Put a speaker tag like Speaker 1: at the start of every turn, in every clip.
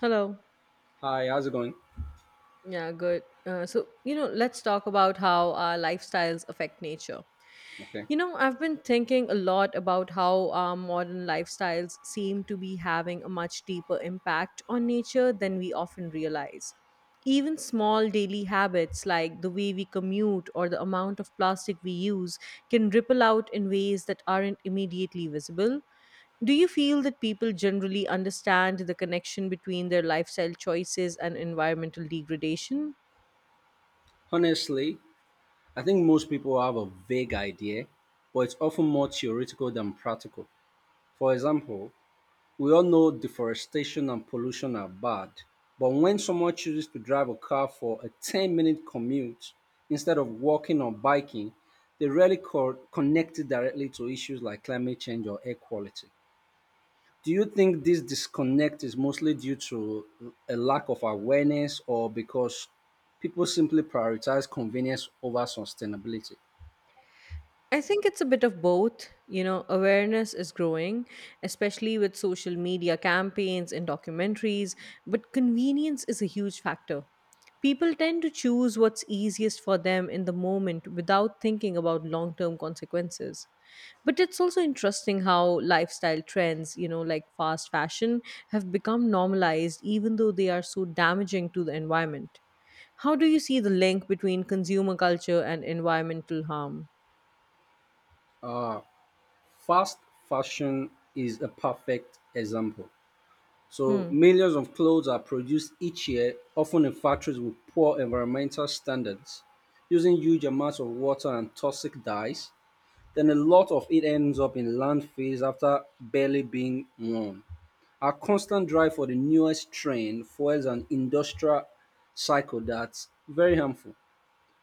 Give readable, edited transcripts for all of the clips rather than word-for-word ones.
Speaker 1: Hello.
Speaker 2: Hi, how's it going?
Speaker 1: Yeah, good. So, let's talk about how our lifestyles affect nature.
Speaker 2: Okay.
Speaker 1: I've been thinking a lot about how our modern lifestyles seem to be having a much deeper impact on nature than we often realize. Even small daily habits like the way we commute or the amount of plastic we use can ripple out in ways that aren't immediately visible. Do you feel that people generally understand the connection between their lifestyle choices and environmental degradation?
Speaker 2: Honestly, I think most people have a vague idea, but it's often more theoretical than practical. For example, we all know deforestation and pollution are bad, but when someone chooses to drive a car for a 10-minute commute instead of walking or biking, they rarely connect it directly to issues like climate change or air quality. Do you think this disconnect is mostly due to a lack of awareness or because people simply prioritize convenience over sustainability?
Speaker 1: I think it's a bit of both. Awareness is growing, especially with social media campaigns and documentaries, but convenience is a huge factor. People tend to choose what's easiest for them in the moment without thinking about long term consequences. But it's also interesting how lifestyle trends, like fast fashion, have become normalized even though they are so damaging to the environment. How do you see the link between consumer culture and environmental harm?
Speaker 2: Uh, Fast fashion is a perfect example. So,
Speaker 1: Hmm.
Speaker 2: millions of clothes are produced each year, often in factories with poor environmental standards, using huge amounts of water and toxic dyes. Then a lot of it ends up in landfills after barely being worn. Our constant drive for the newest trend fuels an industrial cycle that's very harmful.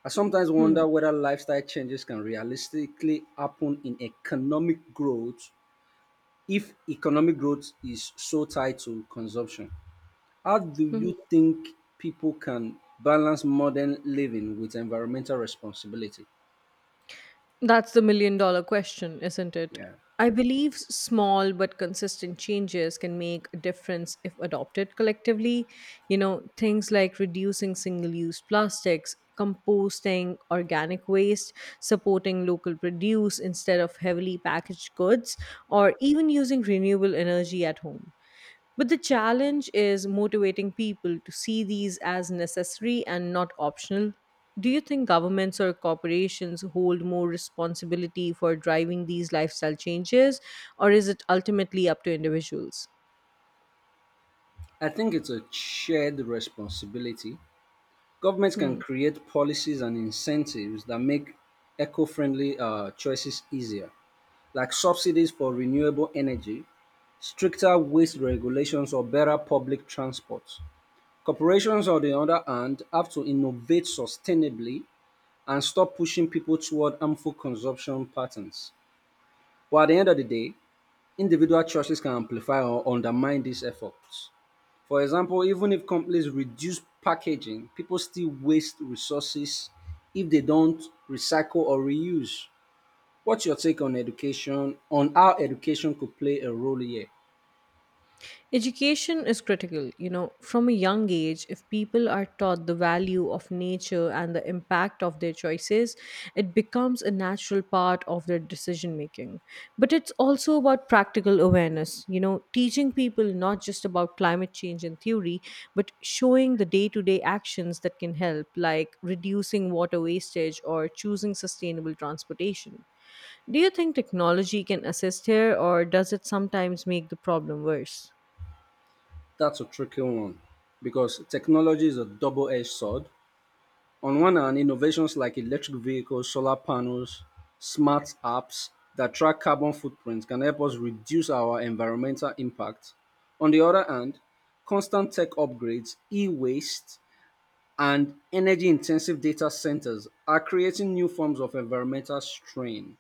Speaker 2: I sometimes
Speaker 1: Hmm,
Speaker 2: wonder whether lifestyle changes can realistically happen in economic growth if economic growth is so tied to consumption. How do
Speaker 1: mhm.
Speaker 2: you think people can balance modern living with environmental responsibility?
Speaker 1: That's the million dollar question, isn't it?
Speaker 2: Yeah.
Speaker 1: I believe small but consistent changes can make a difference if adopted collectively. You know, things like reducing single use plastics, composting organic waste, supporting local produce instead of heavily packaged goods, or even using renewable energy at home. But the challenge is motivating people to see these as necessary and not optional. Do you think governments or corporations hold more responsibility for driving these lifestyle changes, or is it ultimately up to individuals?
Speaker 2: I think it's a shared responsibility. Governments can
Speaker 1: Hmm.
Speaker 2: create policies and incentives that make eco friendly choices easier, like subsidies for renewable energy, stricter waste regulations, or better public transport. Corporations, on the other hand, have to innovate sustainably and stop pushing people toward harmful consumption patterns. But at the end of the day, individual choices can amplify or undermine these efforts. For example, even if companies reduce packaging, people still waste resources if they don't recycle or reuse. What's your take on education, on how education could play a role here?
Speaker 1: Education is critical. From a young age, if people are taught the value of nature and the impact of their choices, it becomes a natural part of their decision making. But it's also about practical awareness, teaching people not just about climate change in theory, but showing the day to day actions that can help, like reducing water wastage or choosing sustainable transportation. Do you think technology can assist here, or does it sometimes make the problem worse?
Speaker 2: That's a tricky one because technology is a double edged sword. On one hand, innovations like electric vehicles, solar panels, smart apps that track carbon footprints can help us reduce our environmental impact. On the other hand, constant tech upgrades, e waste, and energy intensive data centers are creating new forms of environmental strain.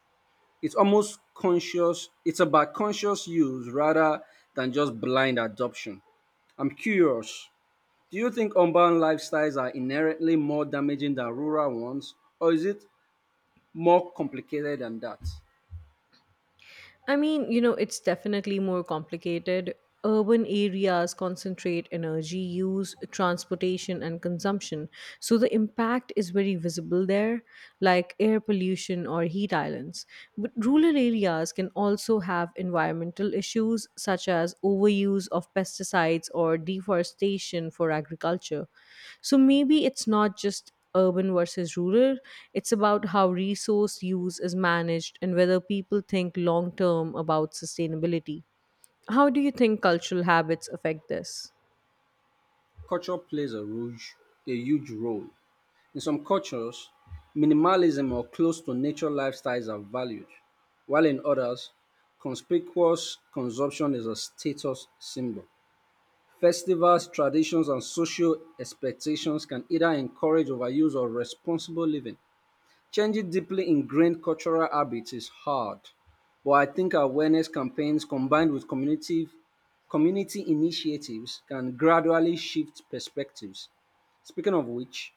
Speaker 2: It's about conscious use rather than just blind adoption. I'm curious, do you think urban lifestyles are inherently more damaging than rural ones, or is it more complicated than that?
Speaker 1: I mean, it's definitely more complicated. Urban areas concentrate energy use, transportation, and consumption. So the impact is very visible there, like air pollution or heat islands. But rural areas can also have environmental issues, such as overuse of pesticides or deforestation for agriculture. So maybe it's not just urban versus rural, it's about how resource use is managed and whether people think long term about sustainability. How do you think cultural habits affect this?
Speaker 2: Culture plays a huge role. In some cultures, minimalism or close to nature lifestyles are valued, while in others, conspicuous consumption is a status symbol. Festivals, traditions, and social expectations can either encourage overuse or responsible living. Changing deeply ingrained cultural habits is hard, but I think awareness campaigns combined with community initiatives can gradually shift perspectives. Speaking of which,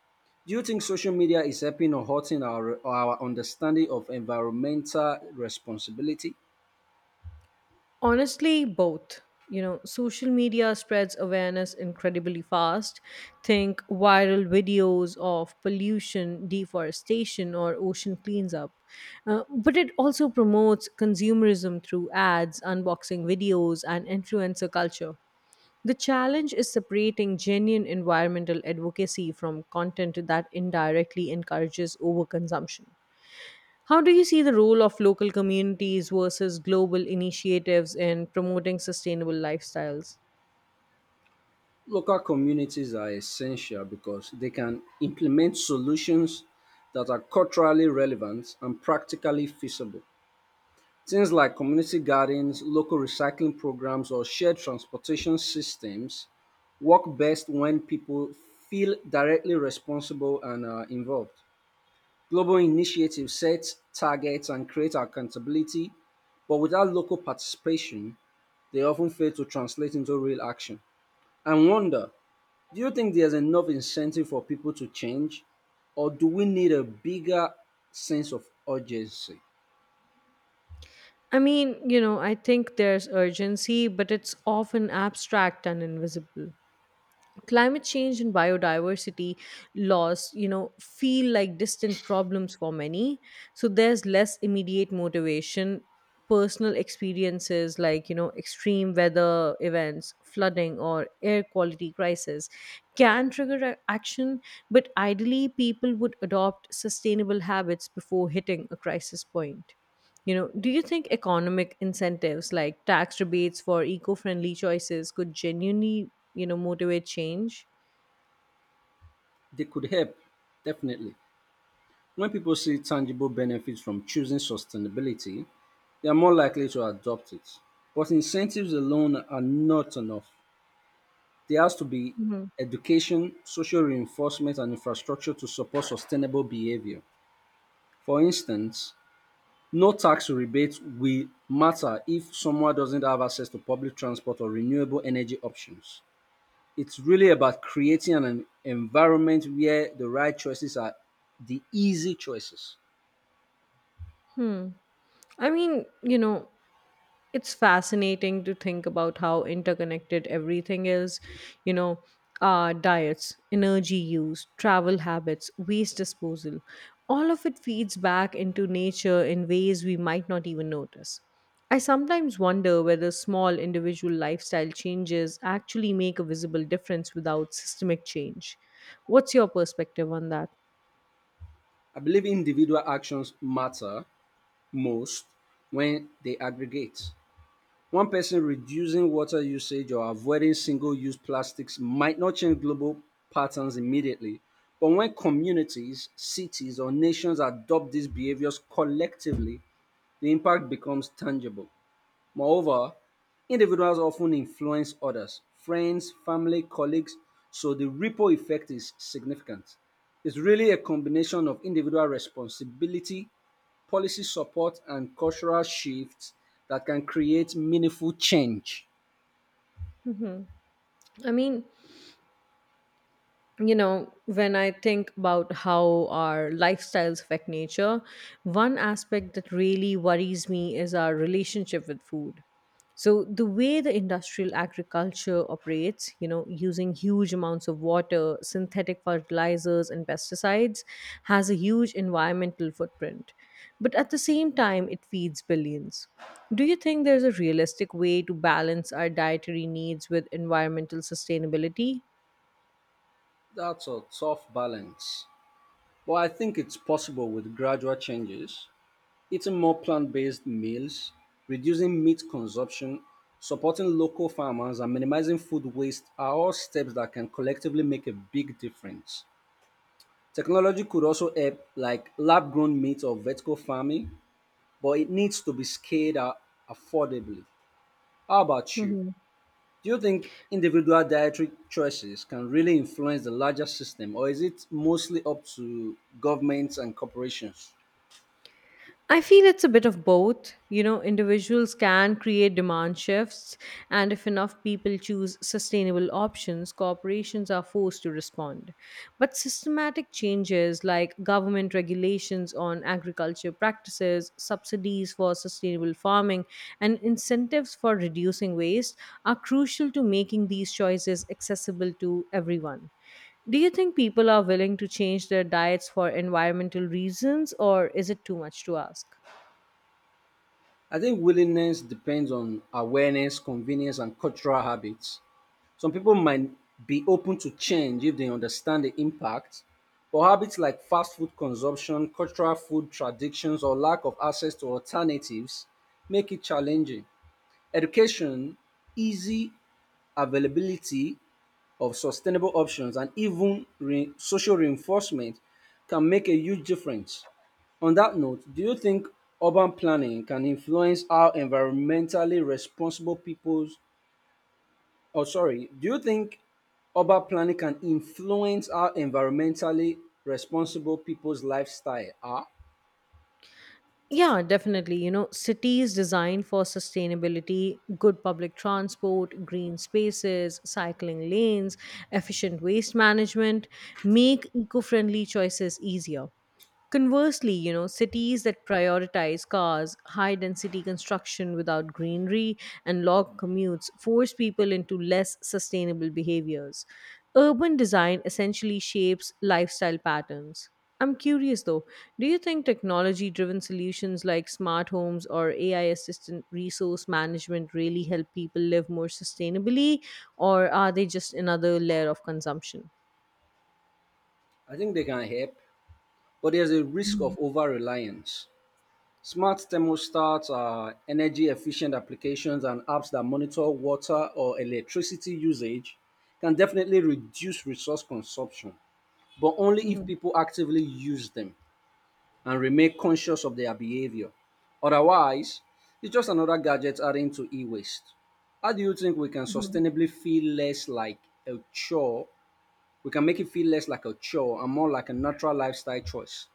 Speaker 2: do you think social media is helping or hurting our understanding of environmental responsibility?
Speaker 1: Honestly, both. Social media spreads awareness incredibly fast. Think viral videos of pollution, deforestation, or ocean cleanup. But it also promotes consumerism through ads, unboxing videos, and influencer culture. The challenge is separating genuine environmental advocacy from content that indirectly encourages overconsumption. How do you see the role of local communities versus global initiatives in promoting sustainable lifestyles?
Speaker 2: Local communities are essential because they can implement solutions that are culturally relevant and practically feasible. Things like community gardens, local recycling programs, or shared transportation systems work best when people feel directly responsible and involved. Global initiatives set targets and create accountability, but without local participation, they often fail to translate into real action. I wonder, do you think there's enough incentive for people to change, or do we need a bigger sense of urgency?
Speaker 1: I mean, I think there's urgency, but it's often abstract and invisible. Climate change and biodiversity loss feel like distant problems for many, so there's less immediate motivation. Personal experiences like extreme weather events, flooding, or air quality crisis can trigger action. But ideally people would adopt sustainable habits before hitting a crisis point. Do you think economic incentives like tax rebates for eco-friendly choices could genuinely, motivate change?
Speaker 2: They could help, definitely. When people see tangible benefits from choosing sustainability, they are more likely to adopt it. But incentives alone are not enough. There has to be
Speaker 1: Hmm.
Speaker 2: education, social reinforcement, and infrastructure to support sustainable behavior. For instance, no tax rebates will matter if someone doesn't have access to public transport or renewable energy options. It's really about creating an environment where the right choices are the easy choices.
Speaker 1: Hmm. I mean, it's fascinating to think about how interconnected everything is. You know uh, diets, energy use, travel habits, waste disposal, all of it feeds back into nature in ways we might not even notice. I sometimes wonder whether small individual lifestyle changes actually make a visible difference without systemic change. What's your perspective on that?
Speaker 2: I believe individual actions matter most when they aggregate. One person reducing water usage or avoiding single use plastics might not change global patterns immediately. But when communities, cities, or nations adopt these behaviors collectively, the impact becomes tangible. Moreover, individuals often influence others, friends, family, colleagues, so the ripple effect is significant. It's really a combination of individual responsibility, policy support, and cultural shifts that can create meaningful change.
Speaker 1: Hmm. I mean, when I think about how our lifestyles affect nature, one aspect that really worries me is our relationship with food. So, the way the industrial agriculture operates, using huge amounts of water, synthetic fertilizers, and pesticides, has a huge environmental footprint. But at the same time, it feeds billions. Do you think there's a realistic way to balance our dietary needs with environmental sustainability?
Speaker 2: That's a tough balance, but I think it's possible with gradual changes. Eating more plant based meals, reducing meat consumption, supporting local farmers, and minimizing food waste are all steps that can collectively make a big difference. Technology could also help, like lab grown meat or vertical farming, but it needs to be scaled up affordably. How about you?
Speaker 1: Hmm.
Speaker 2: Do you think individual dietary choices can really influence the larger system, or is it mostly up to governments and corporations?
Speaker 1: I feel it's a bit of both. Individuals can create demand shifts, and if enough people choose sustainable options, corporations are forced to respond. But systematic changes like government regulations on agriculture practices, subsidies for sustainable farming, and incentives for reducing waste are crucial to making these choices accessible to everyone. Do you think people are willing to change their diets for environmental reasons, or is it too much to ask?
Speaker 2: I think willingness depends on awareness, convenience, and cultural habits. Some people might be open to change if they understand the impact, but habits like fast food consumption, cultural food traditions, or lack of access to alternatives make it challenging. Education, easy availability, of sustainable options and even social reinforcement can make a huge difference. On that note, do you think urban planning can influence how environmentally responsible people's or sorry, do you think urban planning can influence how environmentally responsible people's lifestyle are?
Speaker 1: Yeah, definitely. Cities designed for sustainability, good public transport, green spaces, cycling lanes, efficient waste management make eco friendly choices easier. Conversely, cities that prioritize cars, high density construction without greenery, and long commutes force people into less sustainable behaviors. Urban design essentially shapes lifestyle patterns. I'm curious though, do you think technology driven solutions like smart homes or AI assistant resource management really help people live more sustainably, or are they just another layer of consumption?
Speaker 2: I think they can help, but there's a risk of over reliance. Smart thermostats are energy efficient applications and apps that monitor water or electricity usage can definitely reduce resource consumption, but only if people actively use them and remain conscious of their behavior. Otherwise, it's just another gadget adding to e waste. How do you think we can sustainably feel less like a chore? We can make it feel less like a chore and more like a natural lifestyle choice.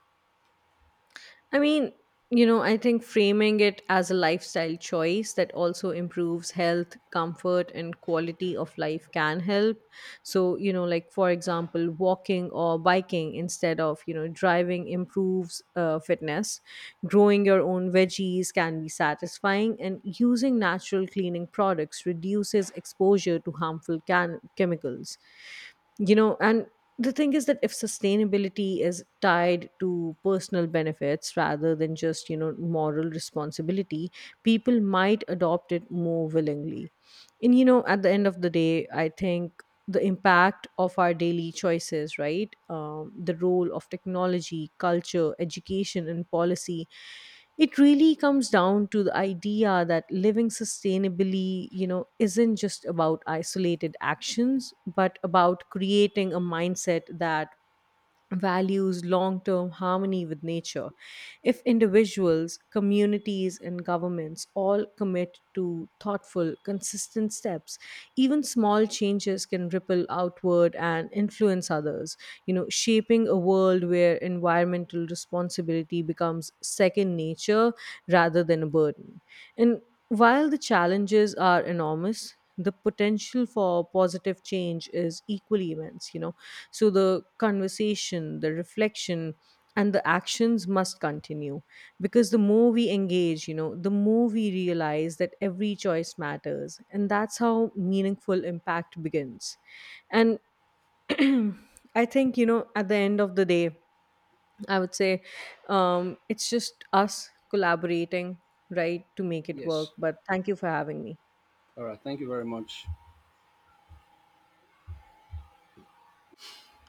Speaker 1: I mean, I think framing it as a lifestyle choice that also improves health, comfort, and quality of life can help. So, like for example, walking or biking instead of, driving improves fitness. Growing your own veggies can be satisfying, and using natural cleaning products reduces exposure to harmful chemicals. And the thing is that if sustainability is tied to personal benefits rather than just moral responsibility, people might adopt it more willingly. And at the end of the day, I think the impact of our daily choices, right? The role of technology, culture, education, and policy. It really comes down to the idea that living sustainably, isn't just about isolated actions, but about creating a mindset that values long term harmony with nature. If individuals, communities, and governments all commit to thoughtful, consistent steps, even small changes can ripple outward and influence others. Shaping a world where environmental responsibility becomes second nature rather than a burden. And while the challenges are enormous, the potential for positive change is equally immense. So, the conversation, the reflection, and the actions must continue, because the more we engage, the more we realize that every choice matters. And that's how meaningful impact begins. And I think, at the end of the day, I would say it's just us collaborating, right, to make it work.
Speaker 2: Yes.
Speaker 1: But thank you for having me.
Speaker 2: All right. Thank you very much.